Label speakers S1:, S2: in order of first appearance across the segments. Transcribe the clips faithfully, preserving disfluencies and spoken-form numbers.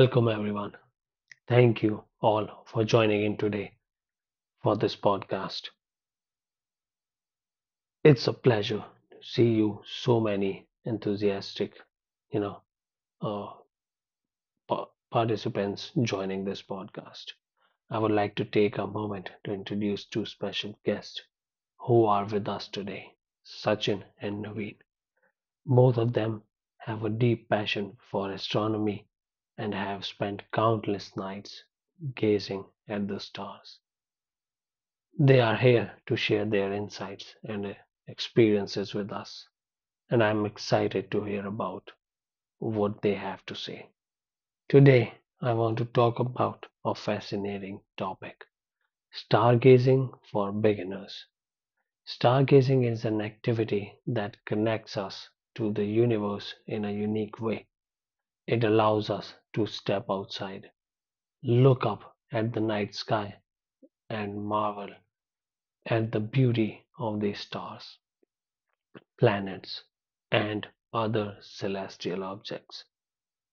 S1: Welcome, everyone. Thank you all for joining in today for this podcast. It's a pleasure to see you, so many enthusiastic, you know, uh, pa- participants joining this podcast. I would like to take a moment to introduce two special guests who are with us today: Sachin and Naveen. Both of them have a deep passion for astronomy and have spent countless nights gazing at the stars. They are here to share their insights and uh, experiences with us, and I'm excited to hear about what they have to say. Today, I want to talk about a fascinating topic: stargazing for beginners. Stargazing is an activity that connects us to the universe in a unique way. It allows us to step outside, look up at the night sky, and marvel at the beauty of the stars, planets, and other celestial objects.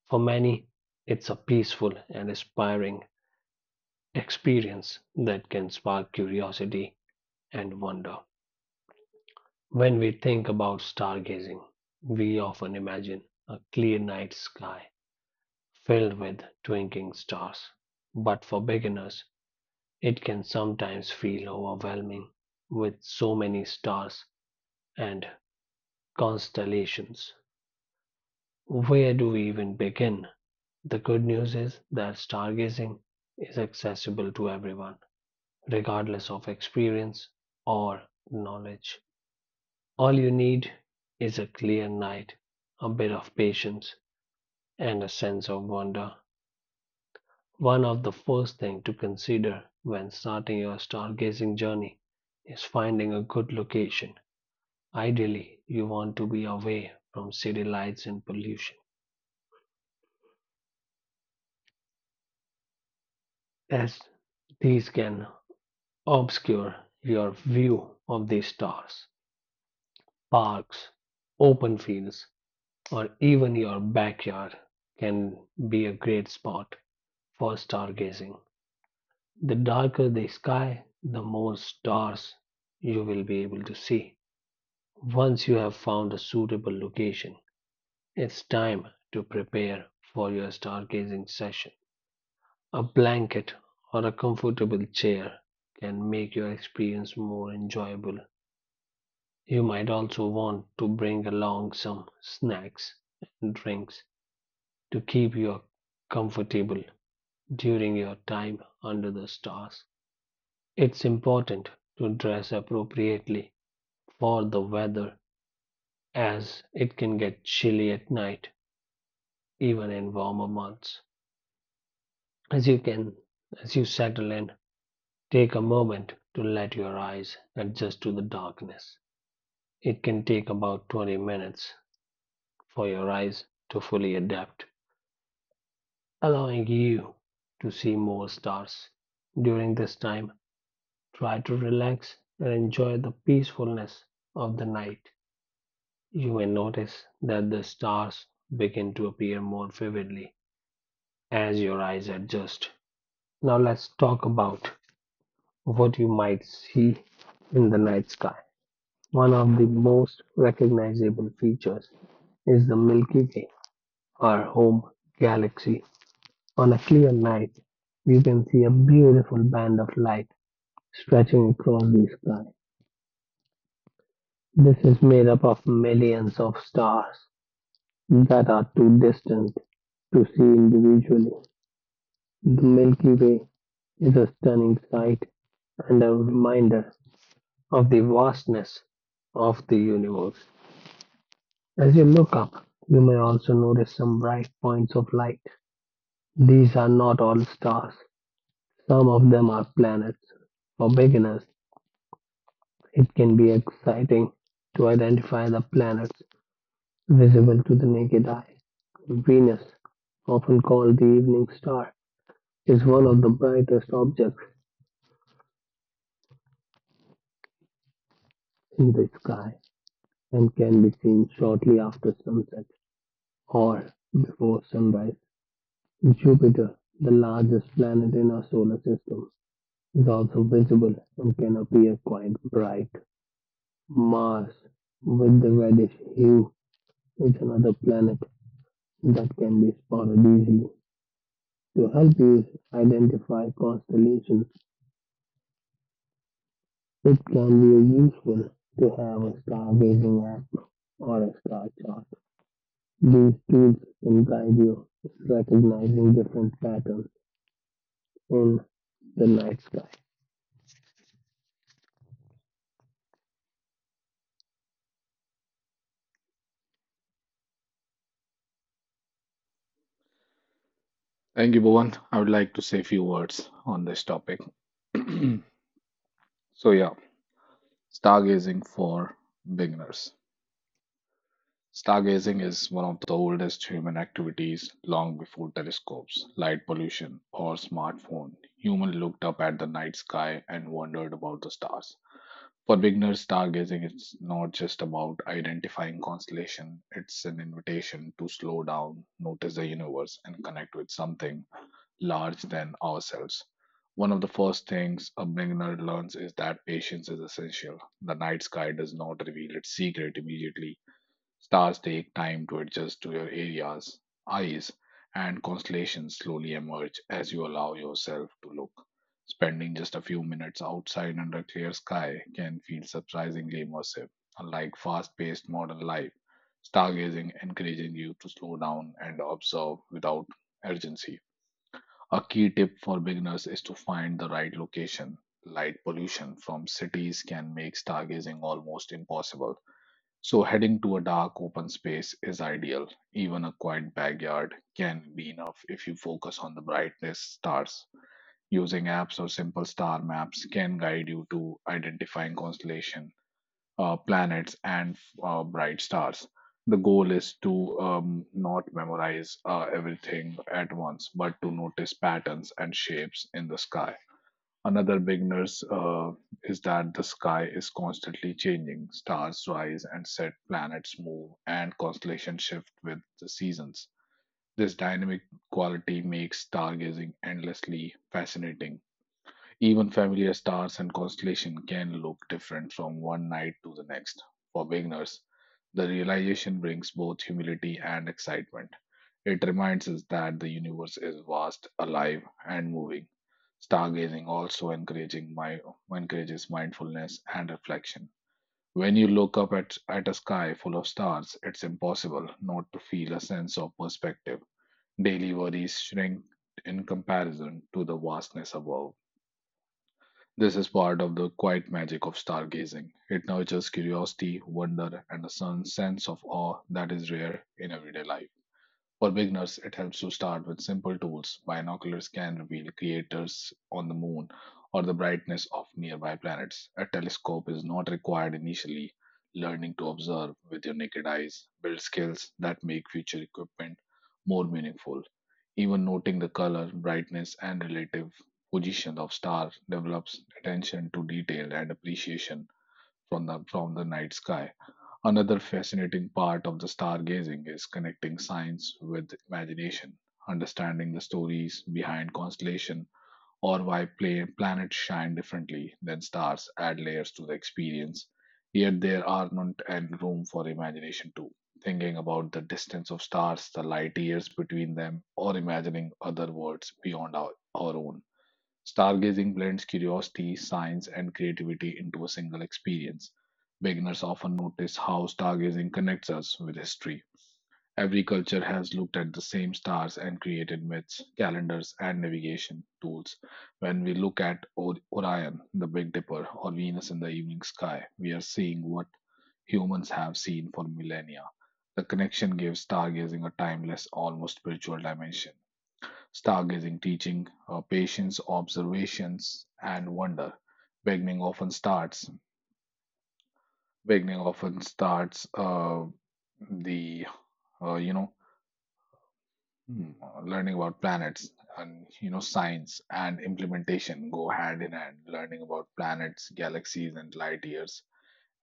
S1: For many, it's a peaceful and inspiring experience that can spark curiosity and wonder. When we think about stargazing, we often imagine a clear night sky filled with twinkling stars. But for beginners, it can sometimes feel overwhelming with so many stars and constellations. Where do we even begin? The good news is that stargazing is accessible to everyone, regardless of experience or knowledge. All you need is a clear night, a bit of patience, and a sense of wonder. One of the first things to consider when starting your stargazing journey is finding a good location. Ideally, you want to be away from city lights and pollution, as these can obscure your view of the stars. Parks, open fields, or even your backyard can be a great spot for stargazing. The darker the sky, the more stars you will be able to see. Once you have found a suitable location, it's time to prepare for your stargazing session. A blanket or a comfortable chair can make your experience more enjoyable. You might also want to bring along some snacks and drinks to keep you comfortable during your time under the stars. It's important to dress appropriately for the weather, as it can get chilly at night, even in warmer months. As you can as you settle in, take a moment to let your eyes adjust to the darkness. It can take about twenty minutes for your eyes to fully adapt, allowing you to see more stars. During this time, try to relax and enjoy the peacefulness of the night. You may notice that the stars begin to appear more vividly as your eyes adjust. Now, let's talk about what you might see in the night sky. One of the most recognizable features is the Milky Way, our home galaxy. On a clear night, you can see a beautiful band of light stretching across the sky. This is made up of millions of stars that are too distant to see individually. The Milky Way is a stunning sight and a reminder of the vastness of the universe. As you look up, you may also notice some bright points of light. These are not all stars; some of them are planets. For beginners, it can be exciting to identify the planets visible to the naked eye. Venus, often called the evening star, is one of the brightest objects in the sky and can be seen shortly after sunset or before sunrise. Jupiter, the largest planet in our solar system, is also visible and can appear quite bright. Mars, with the reddish hue, is another planet that can be spotted easily. To help you identify constellations, it can be useful to have a stargazing app or a star chart. These tools can guide you in recognizing different patterns in the night sky.
S2: Thank you, Bhuvan. I would like to say a few words on this topic. So, yeah, stargazing for beginners. Stargazing is one of the oldest human activities long before telescopes, light pollution, or smartphone. Humans looked up at the night sky and wondered about the stars. For beginners, stargazing is not just about identifying constellation, it's an invitation to slow down, notice the universe, and connect with something large than ourselves. One of the first things a beginner learns is that patience is essential. The night sky does not reveal its secret immediately. Stars take time to adjust to your areas, eyes, and constellations slowly emerge as you allow yourself to look. Spending just a few minutes outside under a clear sky can feel surprisingly immersive. Unlike fast paced modern life, stargazing encourages you to slow down and observe without urgency. A key tip for beginners is to find the right location. Light pollution from cities can make stargazing almost impossible. So, heading to a dark open space is ideal. Even a quiet backyard can be enough if you focus on the brightest stars. Using apps or simple star maps can guide you to identifying constellation, uh, planets, and uh, bright stars. The goal is to um, not memorize uh, everything at once, but to notice patterns and shapes in the sky. Another beginner's uh, is that the sky is constantly changing. Stars rise and set, planets move, and constellations shift with the seasons. This dynamic quality makes stargazing endlessly fascinating even familiar stars and constellations can look different from one night to the next. For beginners, the realization brings both humility and excitement. It reminds us that the universe is vast, alive, and moving. Stargazing also encouraging my, encourages mindfulness and reflection. When you look up at, at a sky full of stars, it's impossible not to feel a sense of perspective. Daily worries shrink in comparison to the vastness above. This is part of the quiet magic of stargazing. It nurtures curiosity, wonder, and a sen- sense of awe that is rare in everyday life. For beginners, it helps to start with simple tools. Binoculars can reveal craters on the moon or the brightness of nearby planets. A telescope is not required initially. Learning to observe with your naked eyes builds skills that make future equipment more meaningful. Even noting the color, brightness, and relative position of stars develops attention to detail and appreciation from the, from the night sky. Another fascinating part of the stargazing is connecting science with imagination, understanding the stories behind constellation or why pla- planets shine differently than stars add layers to the experience. Yet there are not and room for imagination too. Thinking about the distance of stars, the light years between them, or imagining other worlds beyond our, our own. Stargazing blends curiosity, science, and creativity into a single experience. Beginners often notice how stargazing connects us with history. Every culture has looked at the same stars and created myths, calendars, and navigation tools. When we look at O- Orion, the Big Dipper, or Venus in the evening sky, we are seeing what humans have seen for millennia. The connection gives stargazing a timeless, almost spiritual dimension. Stargazing teaching uh, patience, observations, and wonder. Beginning often starts. Beginning often starts uh, the uh, you know hmm, learning about planets and you know science and implementation go hand in hand. Learning about planets, galaxies, and light years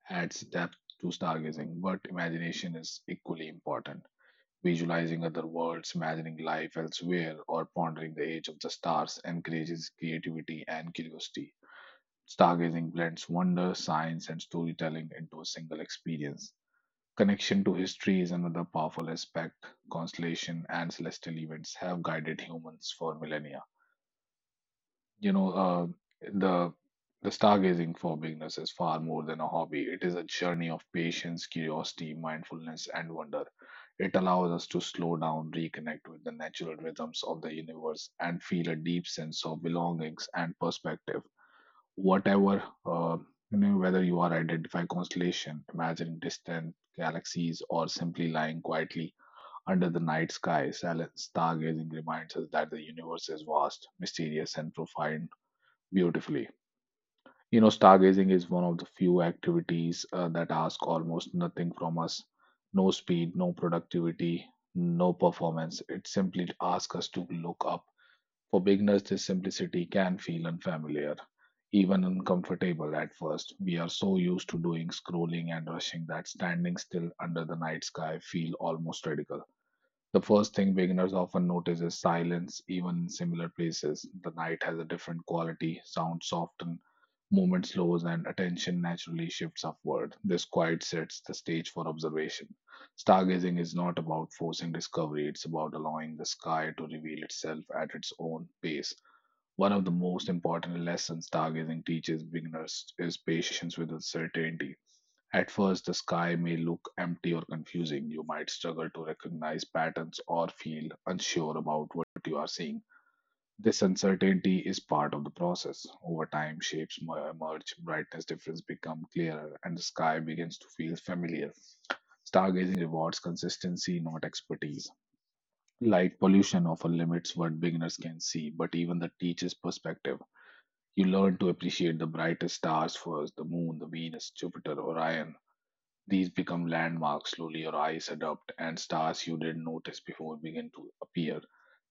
S2: adds depth to stargazing, but imagination is equally important. Visualizing other worlds, imagining life elsewhere, or pondering the age of the stars encourages creativity and curiosity. Stargazing blends wonder, science, and storytelling into a single experience. Connection to history is another powerful aspect. Constellation and celestial events have guided humans for millennia. You know, uh, the the stargazing for beginners is far more than a hobby. It is a journey of patience, curiosity, mindfulness, and wonder. It allows us to slow down, reconnect with the natural rhythms of the universe, and feel a deep sense of belongings and perspective. Whatever, uh, you know, whether you are identifying constellation, imagining distant galaxies, or simply lying quietly under the night sky, silent stargazing reminds us that the universe is vast, mysterious, and profound beautifully. You know, stargazing is one of the few activities uh, that ask almost nothing from us no speed, no productivity, no performance. It simply asks us to look up. For beginners, this simplicity can feel unfamiliar, even uncomfortable at first. We are so used to doing scrolling and rushing that standing still under the night sky feel almost radical. The first thing beginners often notice is silence, even in similar places. The night has a different quality, sound soften, movement slows, and attention naturally shifts upward. This quiet sets the stage for observation. Stargazing is not about forcing discovery, it's about allowing the sky to reveal itself at its own pace. One of the most important lessons stargazing teaches beginners is patience with uncertainty. At first, the sky may look empty or confusing. You might struggle to recognize patterns or feel unsure about what you are seeing. This uncertainty is part of the process. Over time, shapes mer- emerge, brightness difference become clearer, and the sky begins to feel familiar. Stargazing rewards consistency, not expertise. Light pollution often limits what beginners can see, but even the teacher's perspective. You learn to appreciate the brightest stars first the moon, the Venus, Jupiter, Orion, these become landmarks slowly your eyes adapt, and stars you didn't notice before begin to appear.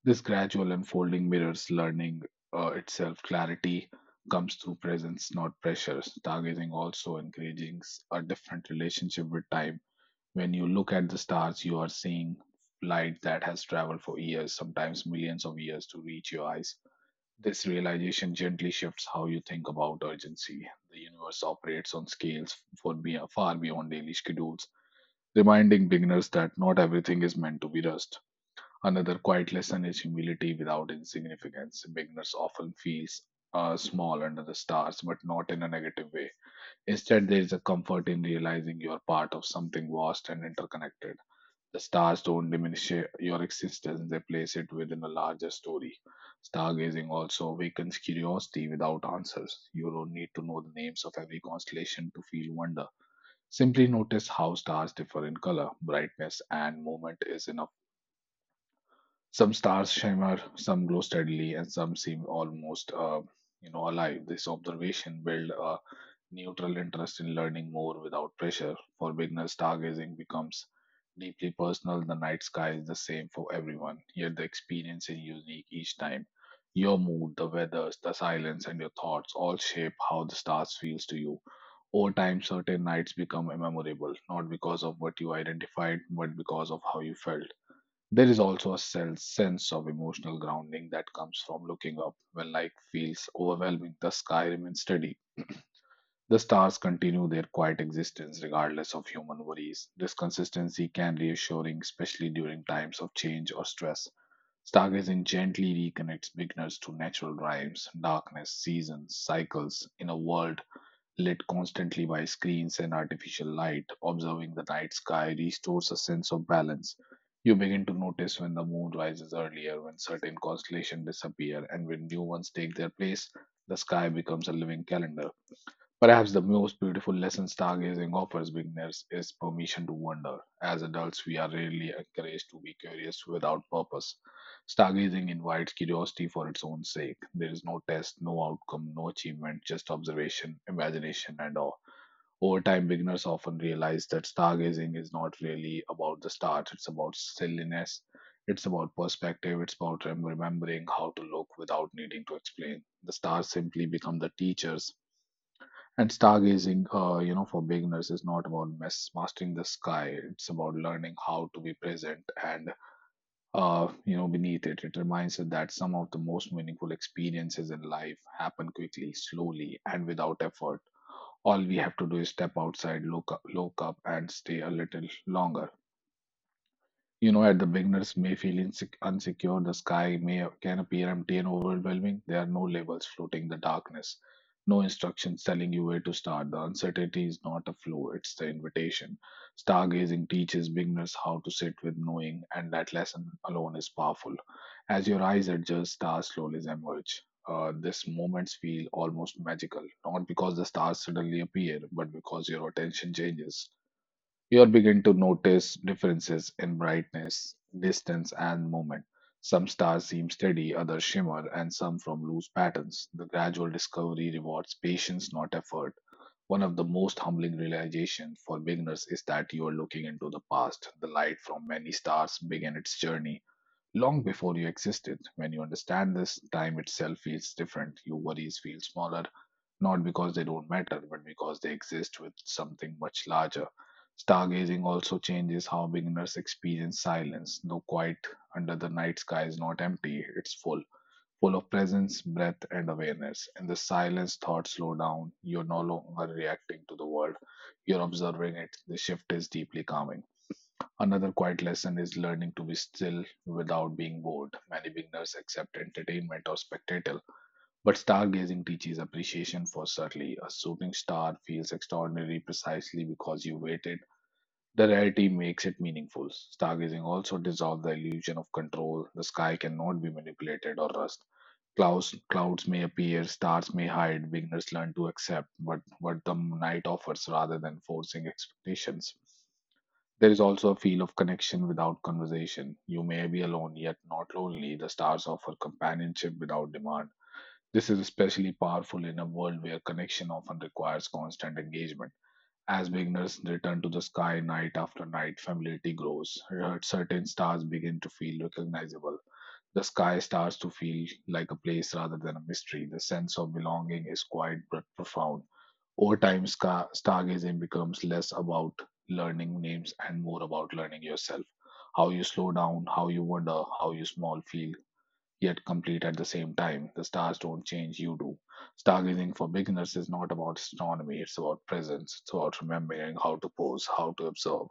S2: This gradual unfolding mirrors learning uh, itself. Clarity comes through presence, not pressure. Stargazing also encourages a different relationship with time. When you look at the stars, you are seeing light that has traveled for years, sometimes millions of years, to reach your eyes. This realization gently shifts how you think about urgency. The universe operates on scales for be- far beyond daily schedules reminding beginners that not everything is meant to be rushed. Another quiet lesson is humility without insignificance. Beginners often feel uh, small under the stars, but not in a negative way. Instead, there is a comfort in realizing you are part of something vast and interconnected. The stars don't diminish uh, your existence, they place it within a larger story. Stargazing also awakens curiosity without answers. You don't need to know the names of every constellation to feel wonder. Simply notice how stars differ in color, brightness, and movement is enough some stars shimmer, some glow steadily, and some seem almost uh, you know, alive. This observation built a neutral interest in learning more without pressure. For beginners, stargazing becomes deeply personal. The night sky is the same for everyone, yet the experience is unique each time. Your mood, the weather, the silence, and your thoughts all shape how the stars feels to you. Over time, certain nights become memorable, not because of what you identified, but because of how you felt. There is also a sen- sense of emotional grounding that comes from looking up when life feels overwhelming. The sky remains steady. The stars continue their quiet existence regardless of human worries. This consistency can be reassuring, especially during times of change or stress. Stargazing gently reconnects beginners to natural rhymes, darkness, seasons, cycles in a world lit constantly by screens and artificial light, observing the night sky restores a sense of balance. You begin to notice when the moon rises earlier, when certain constellations disappear, and when new ones take their place, the sky becomes a living calendar. Perhaps the most beautiful lesson stargazing offers beginners is permission to wonder. As adults, we are rarely encouraged to be curious without purpose. Stargazing invites curiosity for its own sake. There is no test, no outcome, no achievement, just observation, imagination, and awe. Over time, beginners often realize that stargazing is not really about the stars, it's about silliness, it's about perspective, it's about remembering how to look without needing to explain. The stars simply become the teachers and stargazing, uh, you know, for beginners is not about mas- mastering the sky. It's about learning how to be present and, uh, you know, beneath it. It reminds us that some of the most meaningful experiences in life happen quickly, slowly, and without effort. All we have to do is step outside, look up, look up, and stay a little longer. You know, at the beginners may feel insec- unsecure, the sky may can appear empty and overwhelming. There are no labels floating the darkness, no instructions telling you where to start. The uncertainty is not a flaw, it's the invitation. Stargazing teaches beginners how to sit with knowing, and that lesson alone is powerful. As your eyes adjust, stars slowly emerge. Uh, these moments feel almost magical, not because the stars suddenly appear, but because your attention changes. You'll begin to notice differences in brightness, distance, and movement. Some stars seem steady, others shimmer, and some from loose patterns. The gradual discovery rewards patience, not effort. One of the most humbling realizations for beginners is that you are looking into the past. The light from many stars began its journey long before you existed. When you understand this, time itself feels different. Your worries feel smaller, not because they don't matter, but because they exist with something much larger. Stargazing also changes how beginners experience silence. No quiet under the night sky is not empty, it's full, full of presence, breath, and awareness. In the silence, thoughts slow down. You're no longer reacting to the world, you're observing it. The shift is deeply calming. Another quiet lesson is learning to be still without being bored. Many beginners accept entertainment or spectacle but stargazing teaches appreciation for subtly. A shooting star feels extraordinary precisely because you waited. The rarity makes it meaningful. Stargazing also dissolves the illusion of control. The sky cannot be manipulated or rust. Clouds, clouds may appear, stars may hide. Beginners learn to accept what, what the night offers rather than forcing expectations. There is also a feel of connection without conversation. You may be alone, yet not lonely. The stars offer companionship without demand. This is especially powerful in a world where connection often requires constant engagement. As beginners return to the sky night after night, familiarity grows. Certain stars begin to feel recognizable. The sky starts to feel like a place rather than a mystery. The sense of belonging is quite but profound. Over time, stargazing becomes less about learning names and more about learning yourself. How you slow down, how you wonder, how you small feel, yet complete at the same time. The stars don't change, you do. Stargazing for beginners is not about astronomy, it's about presence. It's about remembering how to pose, how to observe,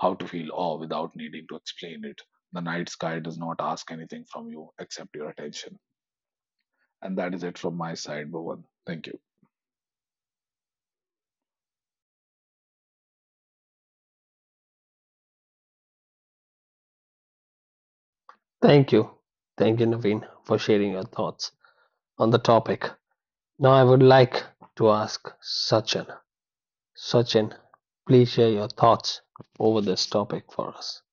S2: how to feel awe without needing to explain it. The night sky does not ask anything from you except your attention. And that is it from my side, Bhuvan. Thank you.
S1: Thank you. Thank you, Naveen, for sharing your thoughts on the topic. Now, I would like to ask Sachin. Sachin, please share your thoughts over this topic for us.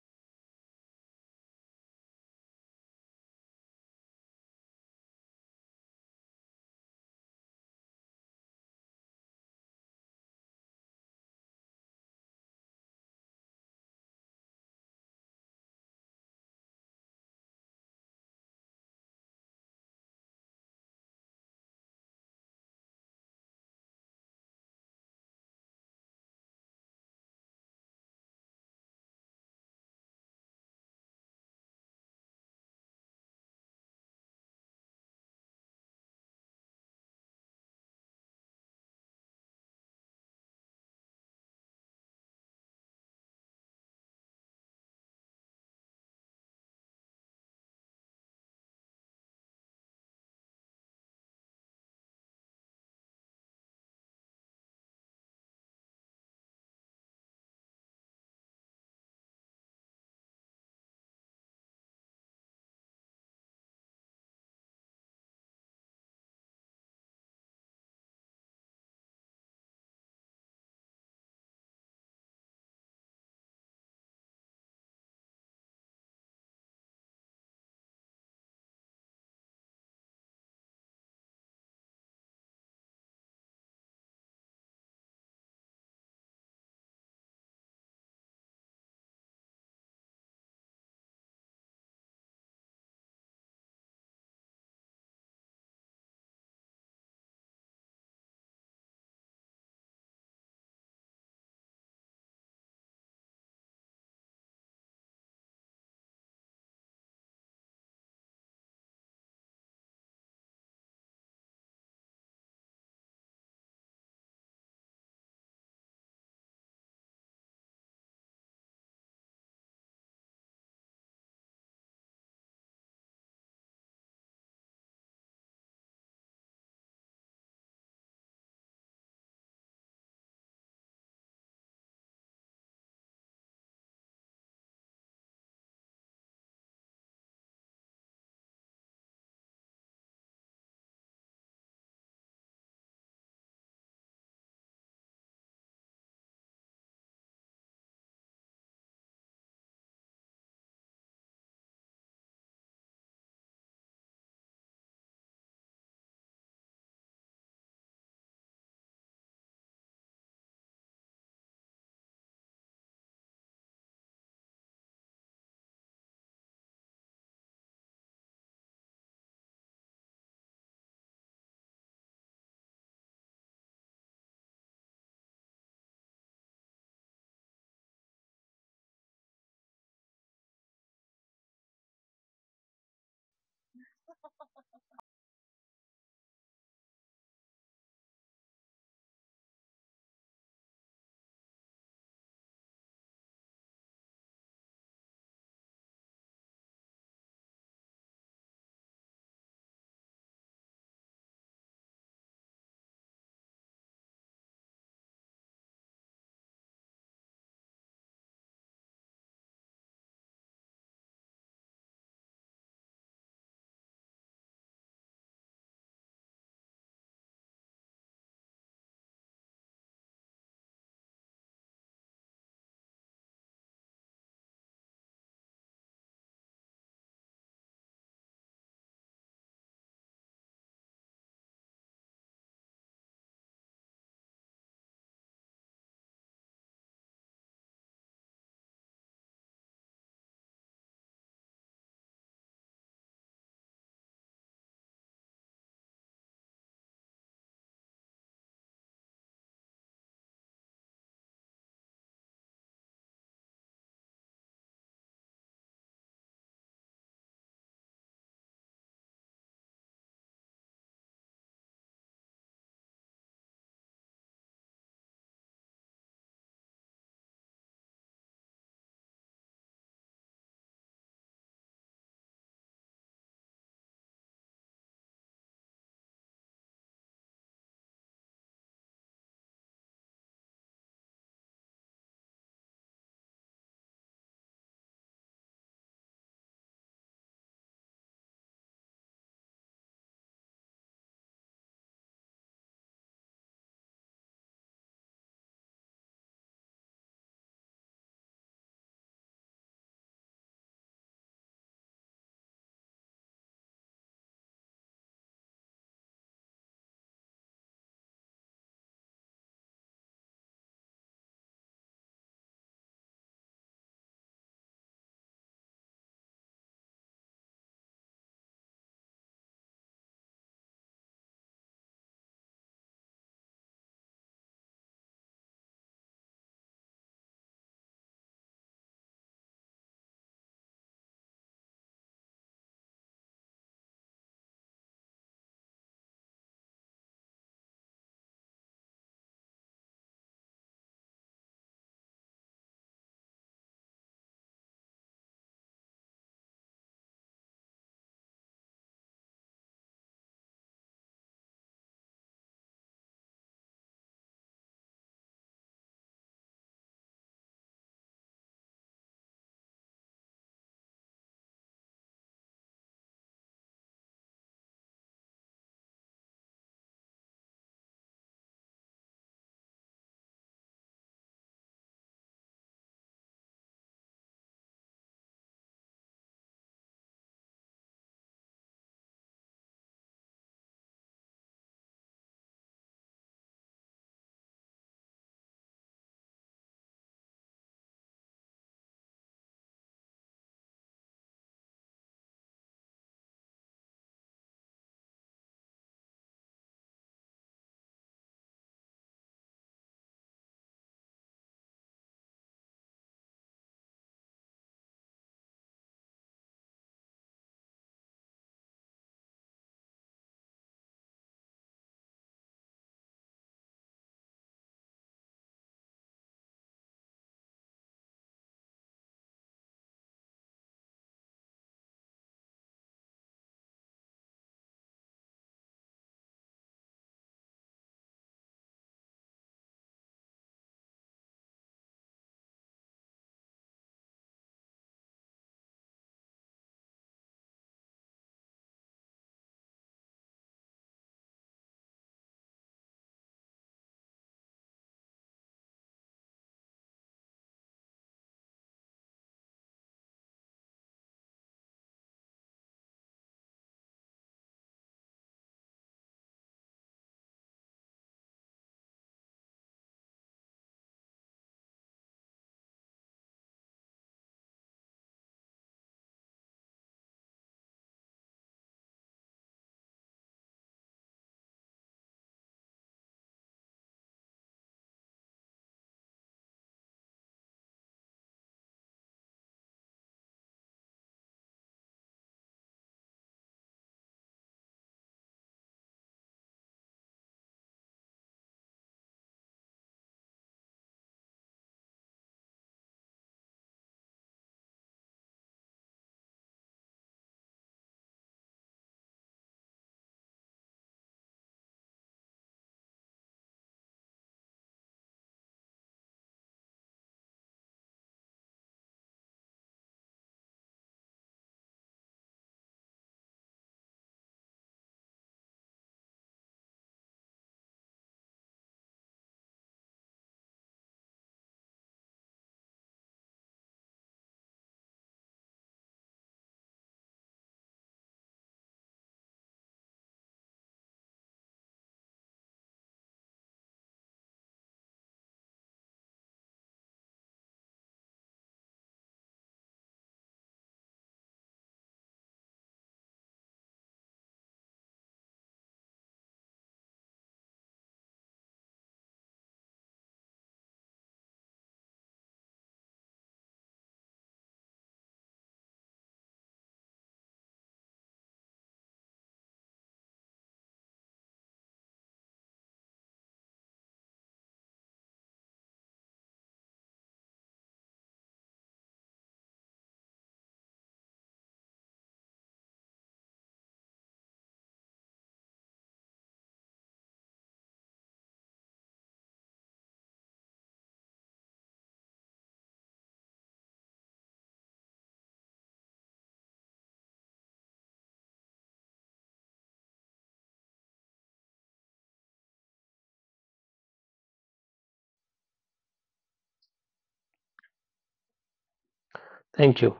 S1: Thank you.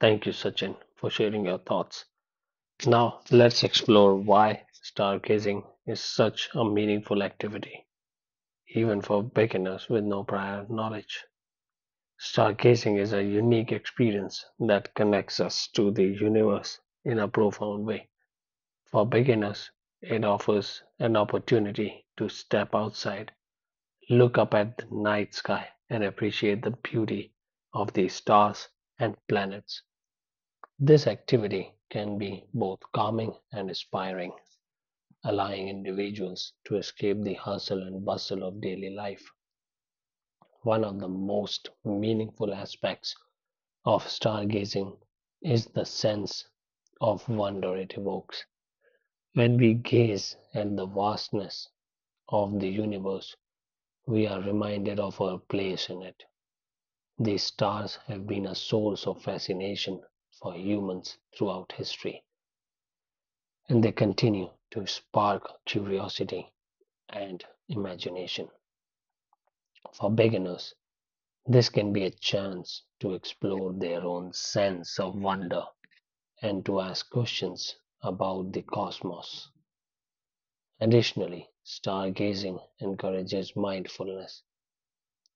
S1: Thank you, Sachin, for sharing your thoughts. Now let's explore why stargazing is such a meaningful activity, even for beginners with no prior knowledge. Stargazing is a unique experience that connects us to the universe in a profound way. For beginners, it offers an opportunity to step outside, look up at the night sky, and appreciate the beauty of the stars and planets. This activity can be both calming and inspiring, allowing individuals to escape the hustle and bustle of daily life. One of the most meaningful aspects of stargazing is the sense of wonder it evokes. When we gaze at the vastness of the universe, we are reminded of our place in it. The stars have been a source of fascination for humans throughout history, and they continue to spark curiosity and imagination. For beginners, this can be a chance to explore their own sense of wonder and to ask questions about the cosmos. Additionally, stargazing encourages mindfulness.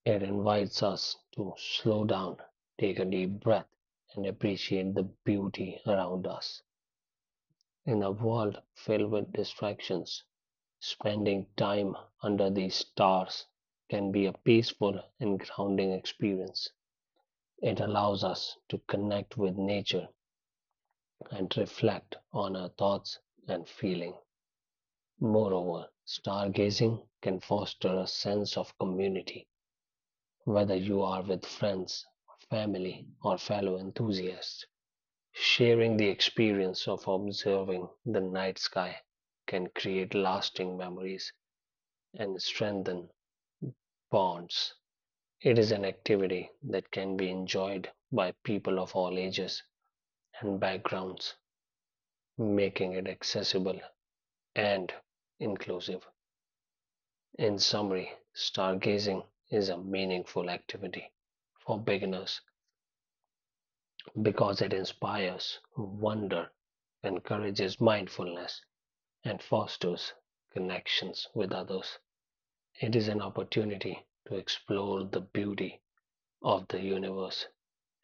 S1: It invites us to slow down, take a deep breath, and appreciate the beauty around us. In a world filled with distractions, spending time under the stars can be a peaceful and grounding experience. It allows us to connect with nature and reflect on our thoughts and feeling. Moreover, stargazing can foster a sense of community, whether you are with friends, family, or fellow enthusiasts. Sharing the experience of observing the night sky can create lasting memories and strengthen bonds. It is an activity that can be enjoyed by people of all ages and backgrounds, making it accessible and inclusive. In summary, stargazing is a meaningful activity for beginners because it inspires wonder, encourages mindfulness, and fosters connections with others. It is an opportunity to explore the beauty of the universe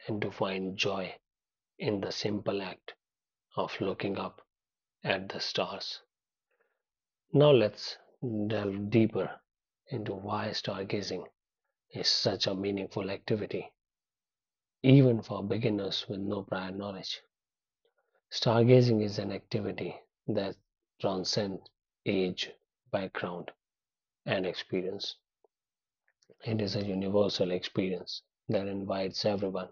S1: and to find joy in the simple act of looking up at the stars. Now let's delve deeper into why stargazing is such a meaningful activity, even for beginners with no prior knowledge. Stargazing is an activity that transcends age, background, and experience. It is a universal experience that invites everyone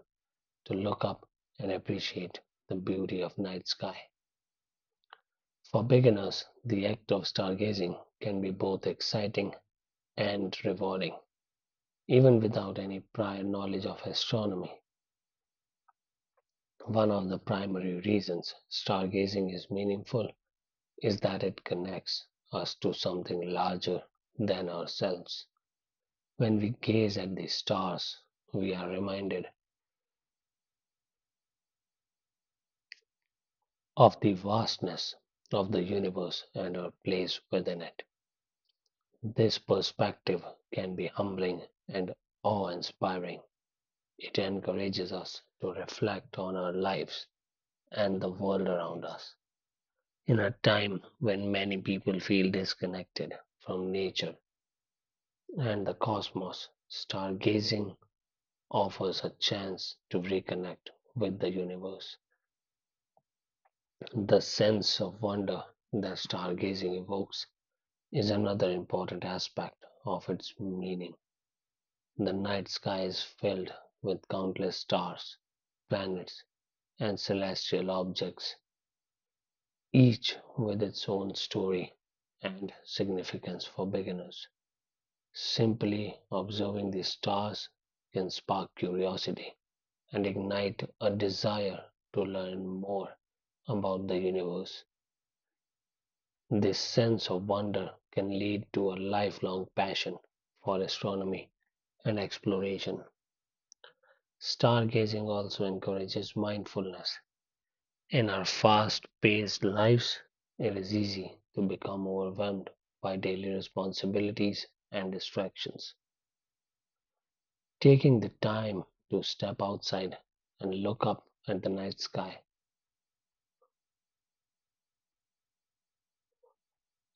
S1: to look up and appreciate the beauty of night sky. For beginners, the act of stargazing can be both exciting and rewarding, even without any prior knowledge of astronomy. One of the primary reasons stargazing is meaningful is that it connects us to something larger than ourselves. When we gaze at the stars, we are reminded of the vastness of the universe and our place within it. This perspective can be humbling and awe inspiring. It encourages us to reflect on our lives and the world around us. In a time when many people feel disconnected from nature and the cosmos, stargazing offers a chance to reconnect with the universe. The sense of wonder that stargazing evokes is another important aspect of its meaning. The night sky is filled with countless stars, planets, and celestial objects, each with its own story and significance for beginners. Simply observing the stars can spark curiosity and ignite a desire to learn more about the universe. This sense of wonder can lead to a lifelong passion for astronomy and exploration. Stargazing also encourages mindfulness. In our fast paced lives, it is easy to become overwhelmed by daily responsibilities and distractions. Taking the time to step outside and look up at the night sky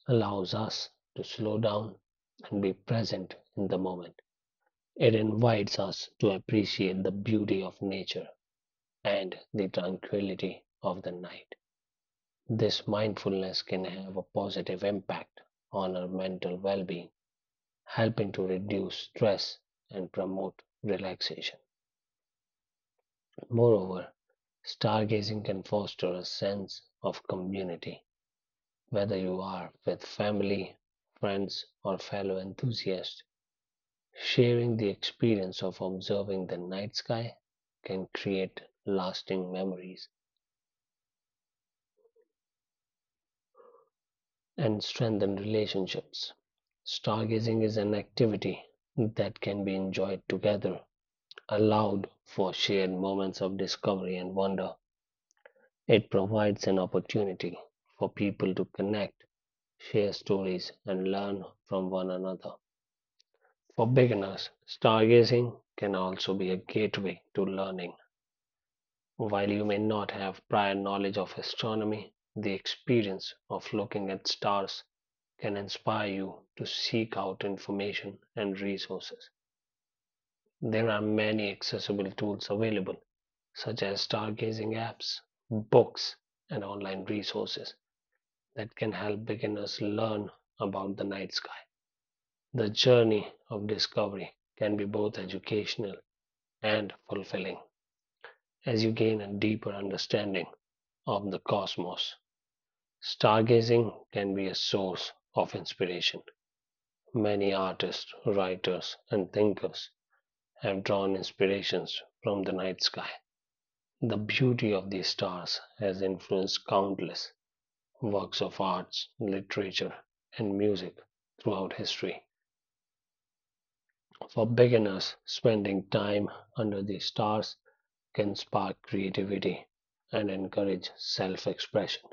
S1: allows us to slow down and be present in the moment. It invites us to appreciate the beauty of nature and the tranquility of the night. This mindfulness can have a positive impact on our mental well being, helping to reduce stress and promote relaxation. Moreover, stargazing can foster a sense of community, whether you are with family, friends, or fellow enthusiasts. Sharing the experience of observing the night sky can create lasting memories and strengthen relationships. Stargazing is an activity that can be enjoyed together, allowed for shared moments of discovery and wonder. It provides an opportunity for people to connect, share stories, and learn from one another. For beginners, stargazing can also be a gateway to learning. While you may not have prior knowledge of astronomy, the experience of looking at stars can inspire you to seek out information and resources. There are many accessible tools available, such as stargazing apps, books, and online resources that can help beginners learn about the night sky. The journey of discovery can be both educational and fulfilling. As you gain a deeper understanding of the cosmos, stargazing can be a source of inspiration. Many artists, writers, and thinkers have drawn inspirations from the night sky. The beauty of these stars has influenced countless works of arts, literature, and music throughout history. For beginners, spending time under the stars can spark creativity and encourage self expression.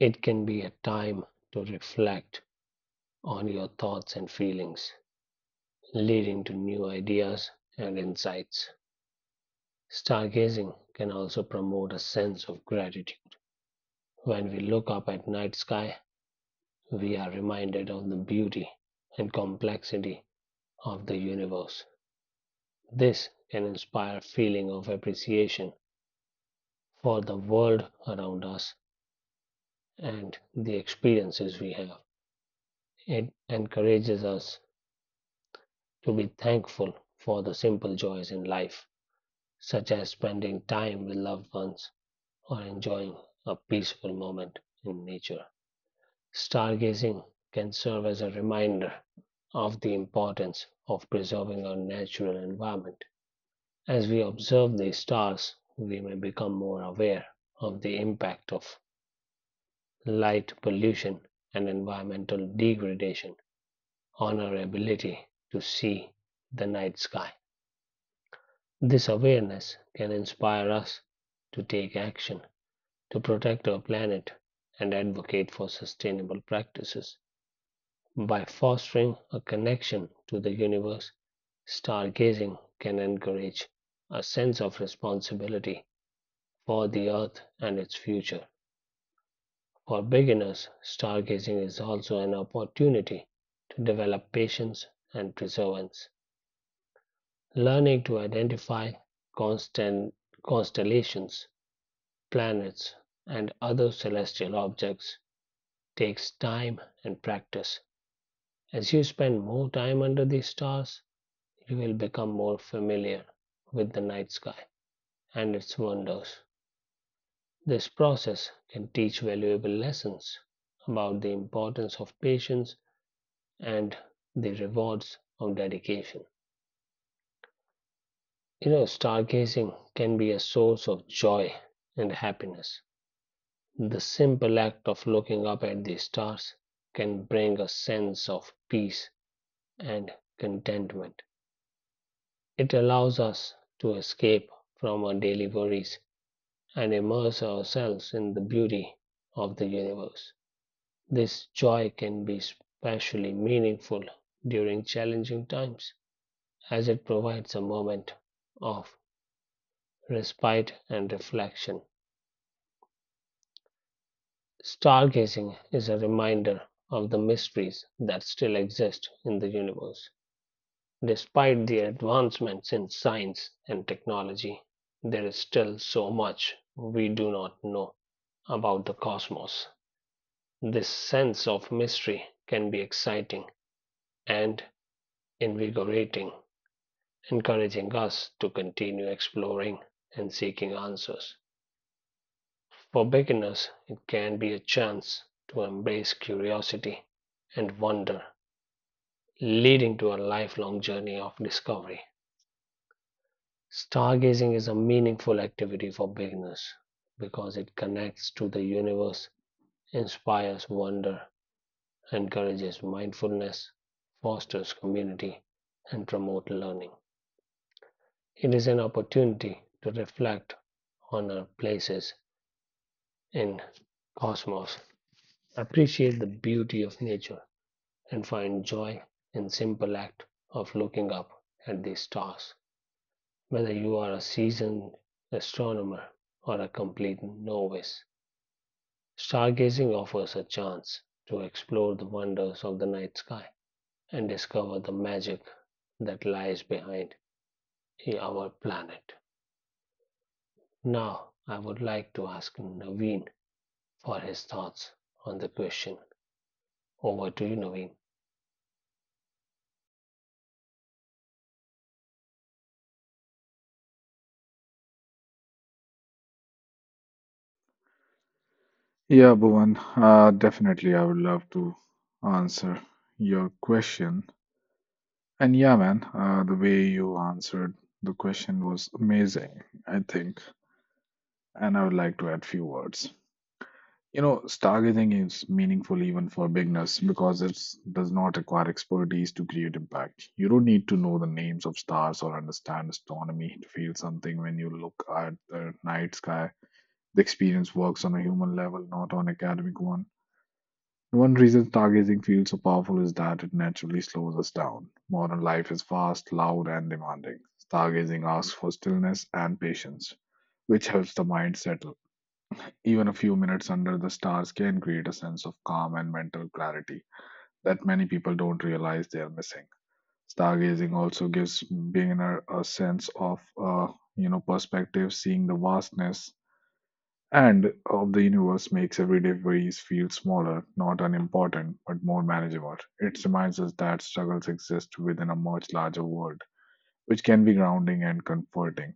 S1: It can be a time to reflect on your thoughts and feelings, leading to new ideas and insights. Stargazing can also promote a sense of gratitude. When we look up at night sky, we are reminded of the beauty and complexity of the universe. This can inspire a feeling of appreciation for the world around us and the experiences we have. It encourages us to be thankful for the simple joys in life, such as spending time with loved ones or enjoying a peaceful moment in nature. Stargazing can serve as a reminder of the importance of preserving our natural environment. As we observe the stars, we may become more aware of the impact of light pollution and environmental degradation on our ability to see the night sky. This awareness can inspire us to take action to protect our planet and advocate for sustainable practices. By fostering a connection to the universe, stargazing can encourage a sense of responsibility for the earth and its future. For beginners, stargazing is also an opportunity to develop patience and perseverance. Learning to identify constant constellations, planets, and other celestial objects takes time and practice. As you spend more time under the stars, you will become more familiar with the night sky and its wonders. This process can teach valuable lessons about the importance of patience and the rewards of dedication. You know, stargazing can be a source of joy and happiness. The simple act of looking up at the stars can bring a sense of peace and contentment. It allows us to escape from our daily worries and immerse ourselves in the beauty of the universe. This joy can be especially meaningful during challenging times, as it provides a moment of respite and reflection. Stargazing is a reminder of the mysteries that still exist in the universe. Despite the advancements in science and technology, there is still so much we do not know about the cosmos. This sense of mystery can be exciting and invigorating, encouraging us to continue exploring and seeking answers. For beginners, it can be a chance to embrace curiosity and wonder, leading to a lifelong journey of discovery. Stargazing is a meaningful activity for beginners because it connects to the universe, inspires wonder, encourages mindfulness, fosters community, and promotes learning. It is an opportunity to reflect on our places in cosmos, appreciate the beauty of nature, and find joy in simple act of looking up at the stars. Whether you are a seasoned astronomer or a complete novice, stargazing offers a chance to explore the wonders of the night sky and discover the magic that lies behind our planet. Now, I would like to ask Naveen for his thoughts on the question. Over to you, Naveen.
S2: Yeah, Bhuvan, uh, definitely I would love to answer your question. And yeah, man, uh, the way you answered the question was amazing, I think. And I would like to add few words. You know, stargazing is meaningful even for beginners because it does not require expertise to create impact. You don't need to know the names of stars or understand astronomy to feel something when you look at the night sky. The experience works on a human level, not on academic one. One reason stargazing feels so powerful is that it naturally slows us down. Modern life is fast, loud, and demanding. Stargazing asks for stillness and patience, which helps the mind settle. Even a few minutes under the stars can create a sense of calm and mental clarity that many people don't realize they are missing. Stargazing also gives beginner a sense of, uh, you know, perspective, seeing the vastness and of the universe makes everyday worries feel smaller, not unimportant, but more manageable. It reminds us that struggles exist within a much larger world, which can be grounding and comforting.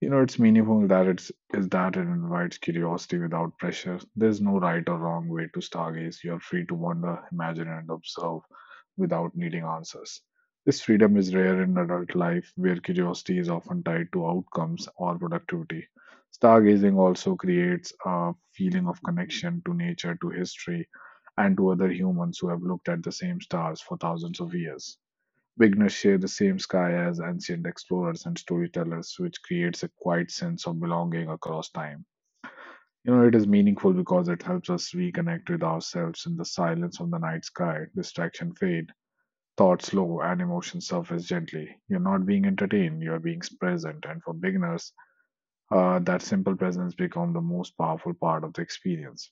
S2: You know, it's meaningful that it's is that it invites curiosity without pressure. There's no right or wrong way to stargaze. You're free to wander, imagine, and observe without needing answers. This freedom is rare in adult life, where curiosity is often tied to outcomes or productivity. Stargazing also creates a feeling of connection to nature, to history, and to other humans who have looked at the same stars for thousands of years. Beginners share the same sky as ancient explorers and storytellers, which creates a quiet sense of belonging across time. You know, it is meaningful because it helps us reconnect with ourselves in the silence of the night sky. Distraction fade, thoughts slow, and emotions surface gently. You're not being entertained, you're being present. And for beginners, uh, that simple presence becomes the most powerful part of the experience.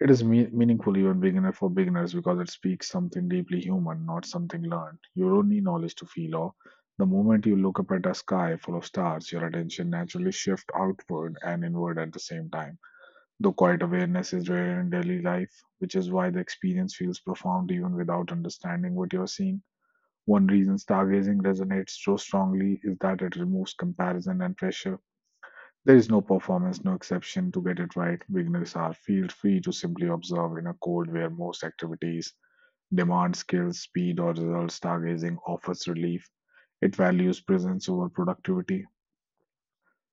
S2: It is me- meaningful even beginner for beginners because it speaks something deeply human, not something learned. You don't need knowledge to feel awe. The moment you look up at a sky full of stars, your attention naturally shifts outward and inward at the same time. Though quiet awareness is rare in daily life, which is why the experience feels profound even without understanding what you are seeing. One reason stargazing resonates so strongly is that it removes comparison and pressure. There is no performance, no exception to get it right. Beginners are feel free to simply observe in a code where most activities demand skills, speed, or results. Stargazing offers relief. It values presence over productivity.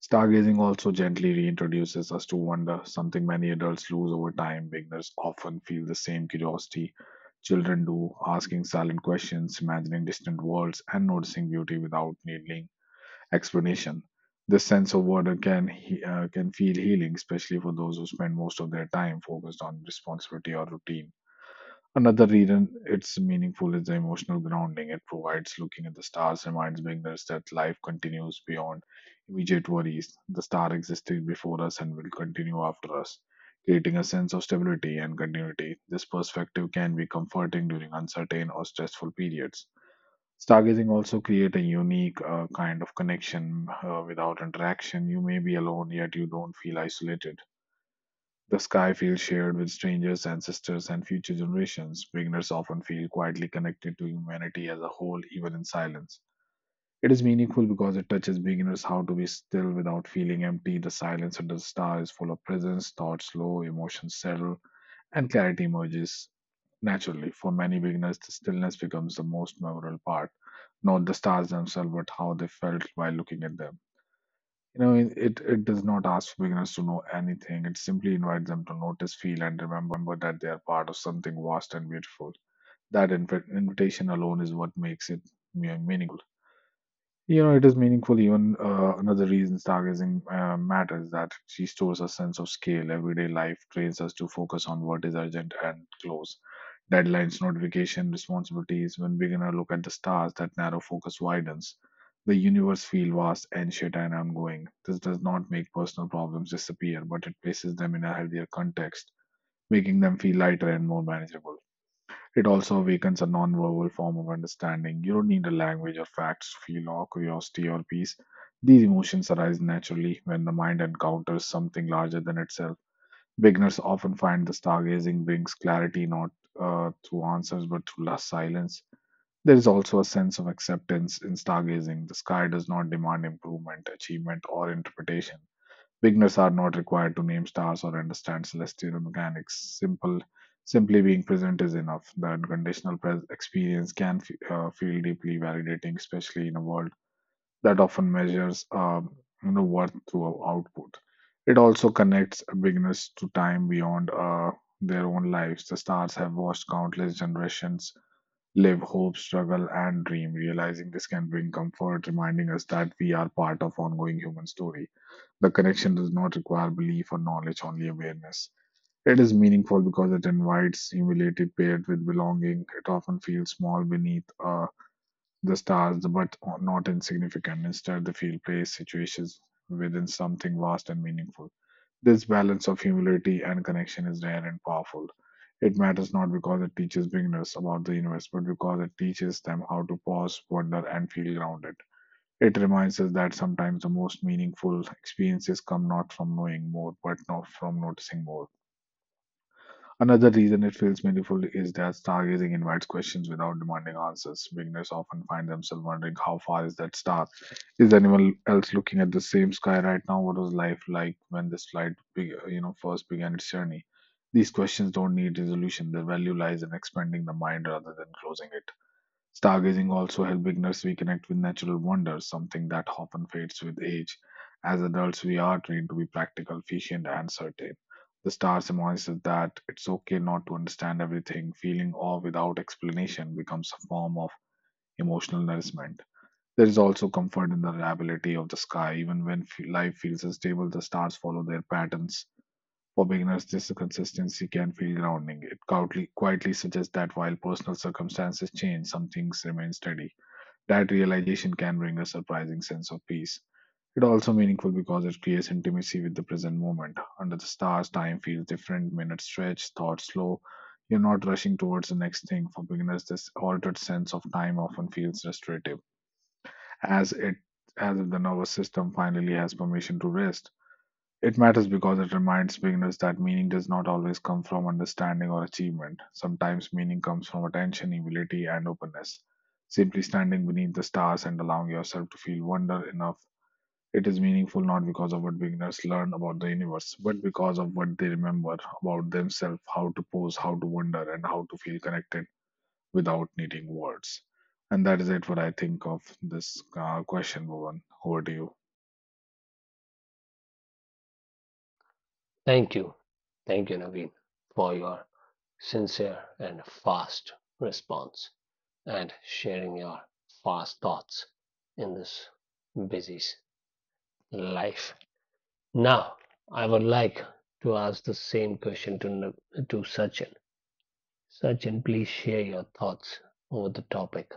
S2: Stargazing also gently reintroduces us to wonder, something many adults lose over time. Beginners often feel the same curiosity children do, asking silent questions, imagining distant worlds, and noticing beauty without needing explanation. This sense of wonder can he- uh, can feel healing, especially for those who spend most of their time focused on responsibility or routine. Another reason it's meaningful is the emotional grounding it provides. Looking at the stars reminds beginners that life continues beyond immediate worries. The star existed before us and will continue after us, creating a sense of stability and continuity. This perspective can be comforting during uncertain or stressful periods. Stargazing also create a unique uh, kind of connection uh, without interaction. You may be alone, yet you don't feel isolated. The sky feels shared with strangers, ancestors, and future generations. Beginners often feel quietly connected to humanity as a whole, even in silence. It is meaningful because it touches beginners how to be still without feeling empty. The silence under the star is full of presence, thoughts slow, emotions settle, and clarity emerges. Naturally, for many beginners, the stillness becomes the most memorable part, not the stars themselves, but how they felt while looking at them. You know, it, it it does not ask beginners to know anything. It simply invites them to notice, feel, and remember that they are part of something vast and beautiful. That inv- invitation alone is what makes it me- meaningful. You know, it is meaningful. Even uh, another reason stargazing uh, matters that it restores a sense of scale. Everyday life trains us to focus on what is urgent and close. Deadlines, notification, responsibilities. When we gonna look at the stars, that narrow focus widens. The universe feel vast, ancient, and ongoing. This does not make personal problems disappear, but it places them in a healthier context, making them feel lighter and more manageable. It also awakens a non-verbal form of understanding. You don't need a language or facts to feel awe, curiosity, or peace. These emotions arise naturally when the mind encounters something larger than itself. Beginners often find the stargazing brings clarity not uh, through answers but through la- silence. There is also a sense of acceptance in stargazing. The sky does not demand improvement, achievement, or interpretation. Beginners are not required to name stars or understand celestial mechanics. Simple, simply being present is enough. The unconditional pres- experience can fe- uh, feel deeply validating, especially in a world that often measures um, you know, worth through output. It also connects beginners to time beyond uh, their own lives. The stars have watched countless generations live, hope, struggle, and dream. Realizing this can bring comfort, reminding us that we are part of ongoing human story. The connection does not require belief or knowledge, only awareness. It is meaningful because it invites humility paired with belonging. It often feels small beneath uh, the stars, but not insignificant. Instead, they feel place, situations within something vast and meaningful. This balance of humility and connection is rare and powerful. It matters not because it teaches beginners about the universe, but because it teaches them how to pause, wonder, and feel grounded. It reminds us that sometimes the most meaningful experiences come not from knowing more, but not from noticing more. Another reason it feels meaningful is that stargazing invites questions without demanding answers. Beginners often find themselves wondering how far is that star? Is anyone else looking at the same sky right now? What was life like when this flight, beg- you know, first began its journey? These questions don't need resolution. Their value lies in expanding the mind rather than closing it. Stargazing also helps beginners reconnect with natural wonders, something that often fades with age. As adults, we are trained to be practical, efficient, and certain. The stars star us that it's okay not to understand everything. Feeling awe without explanation becomes a form of emotional nourishment. There is also comfort in the reliability of the sky. Even when f- life feels unstable, the stars follow their patterns. For beginners, this consistency can feel grounding. It quietly, quietly suggests that while personal circumstances change, some things remain steady. That realization can bring a surprising sense of peace. It's also meaningful because it creates intimacy with the present moment. Under the stars, time feels different, minutes stretch, thoughts slow. You're not rushing towards the next thing. For beginners, this altered sense of time often feels restorative, as it as if the nervous system finally has permission to rest. It matters because it reminds beginners that meaning does not always come from understanding or achievement. Sometimes meaning comes from attention, humility, and openness. Simply standing beneath the stars and allowing yourself to feel wonder enough. It is meaningful not because of what beginners learn about the universe, but because of what they remember about themselves, how to pose, how to wonder, and how to feel connected without needing words. And that is it what I think of this uh, question, Bhuvan. Over to you.
S1: Thank you. Thank you, Naveen, for your sincere and fast response and sharing your fast thoughts in this busy life. Now, I would like to ask the same question to to Sachin. Sachin, please share your thoughts over the topic.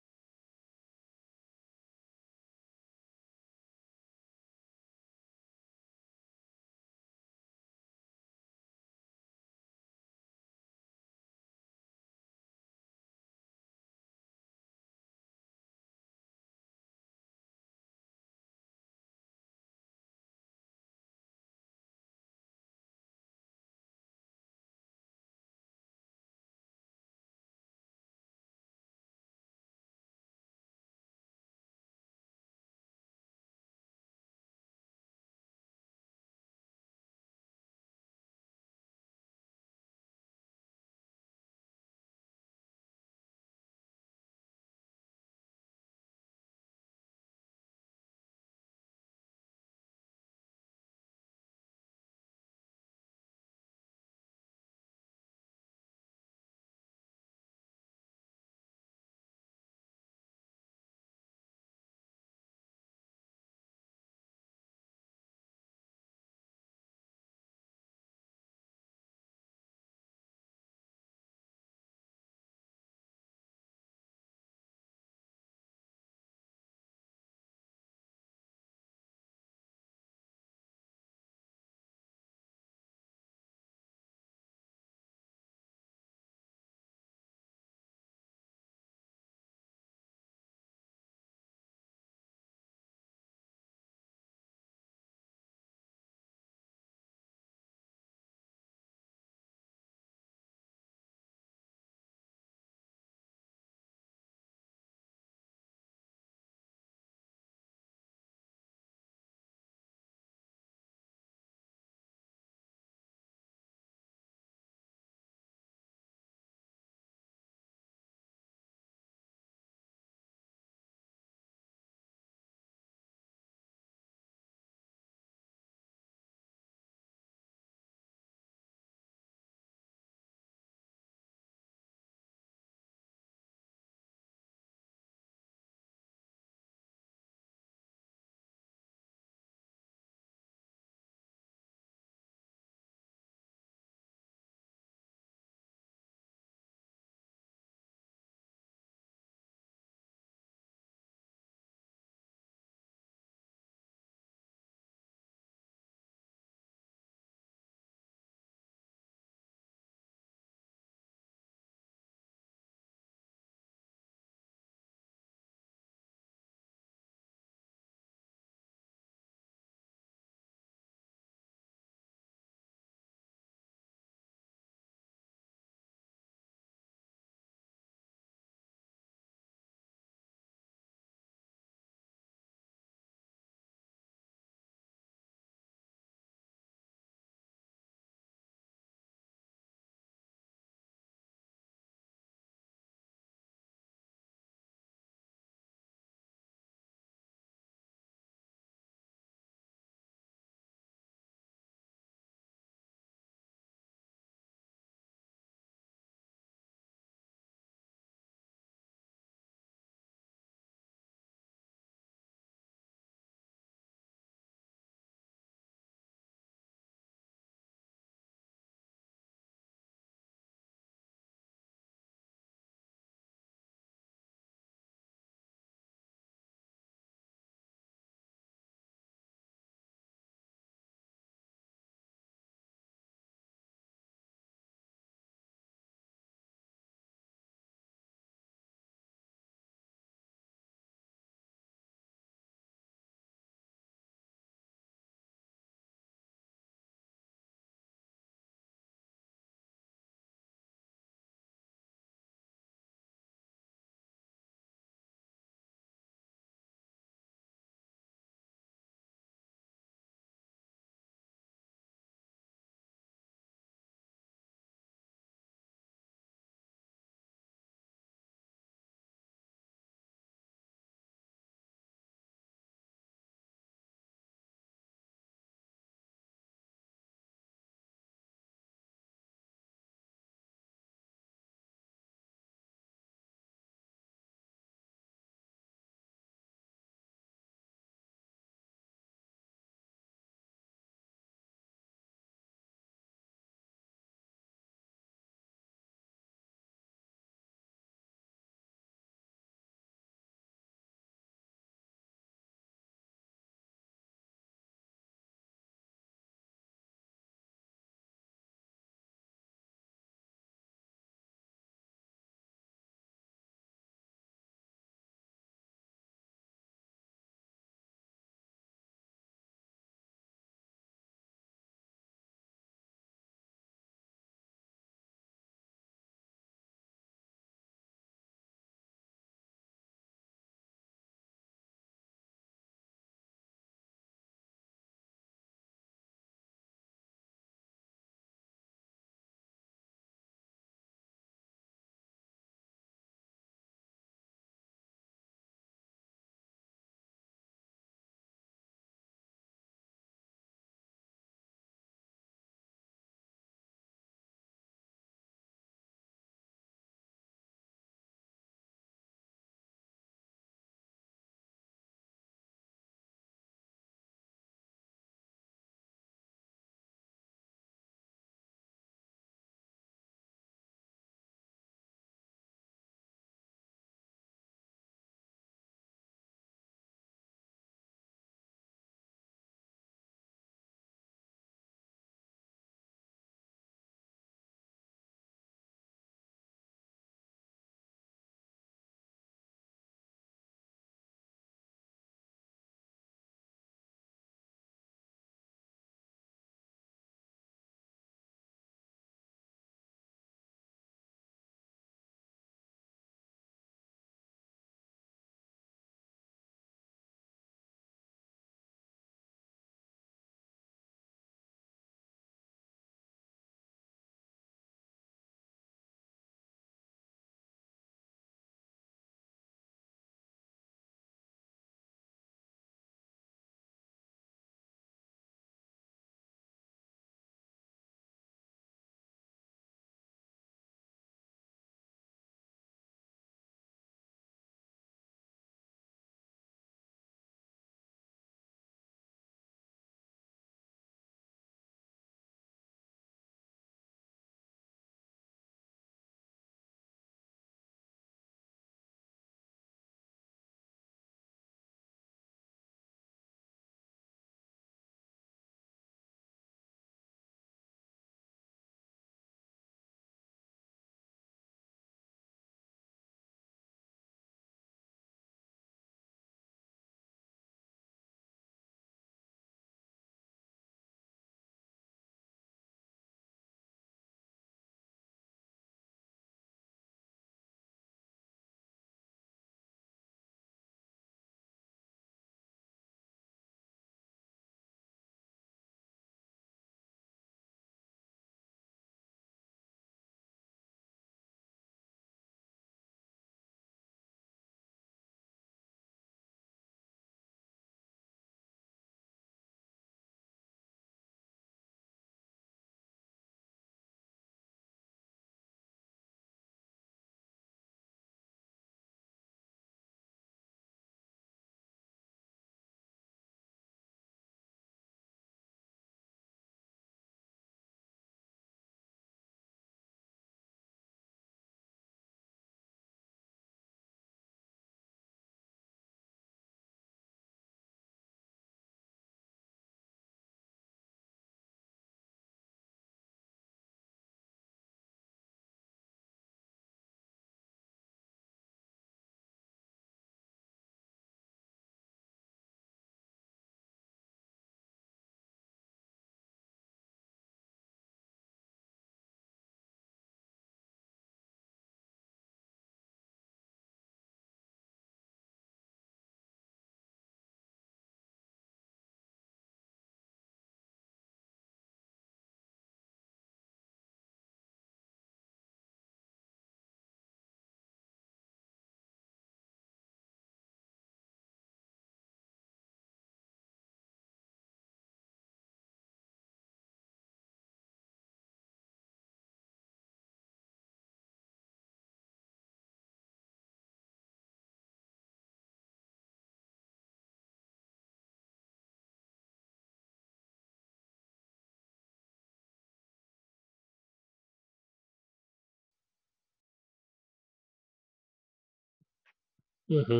S1: hmm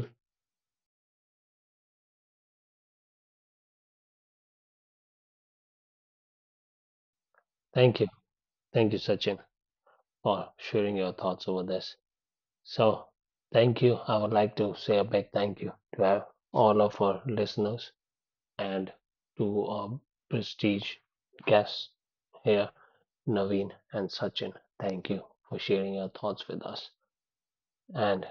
S1: Thank you, thank you, Sachin, for sharing your thoughts over this. So, thank you. I would like to say a big thank you to our- all of our listeners and to our prestige guests here, Naveen and Sachin. Thank you for sharing your thoughts with us. And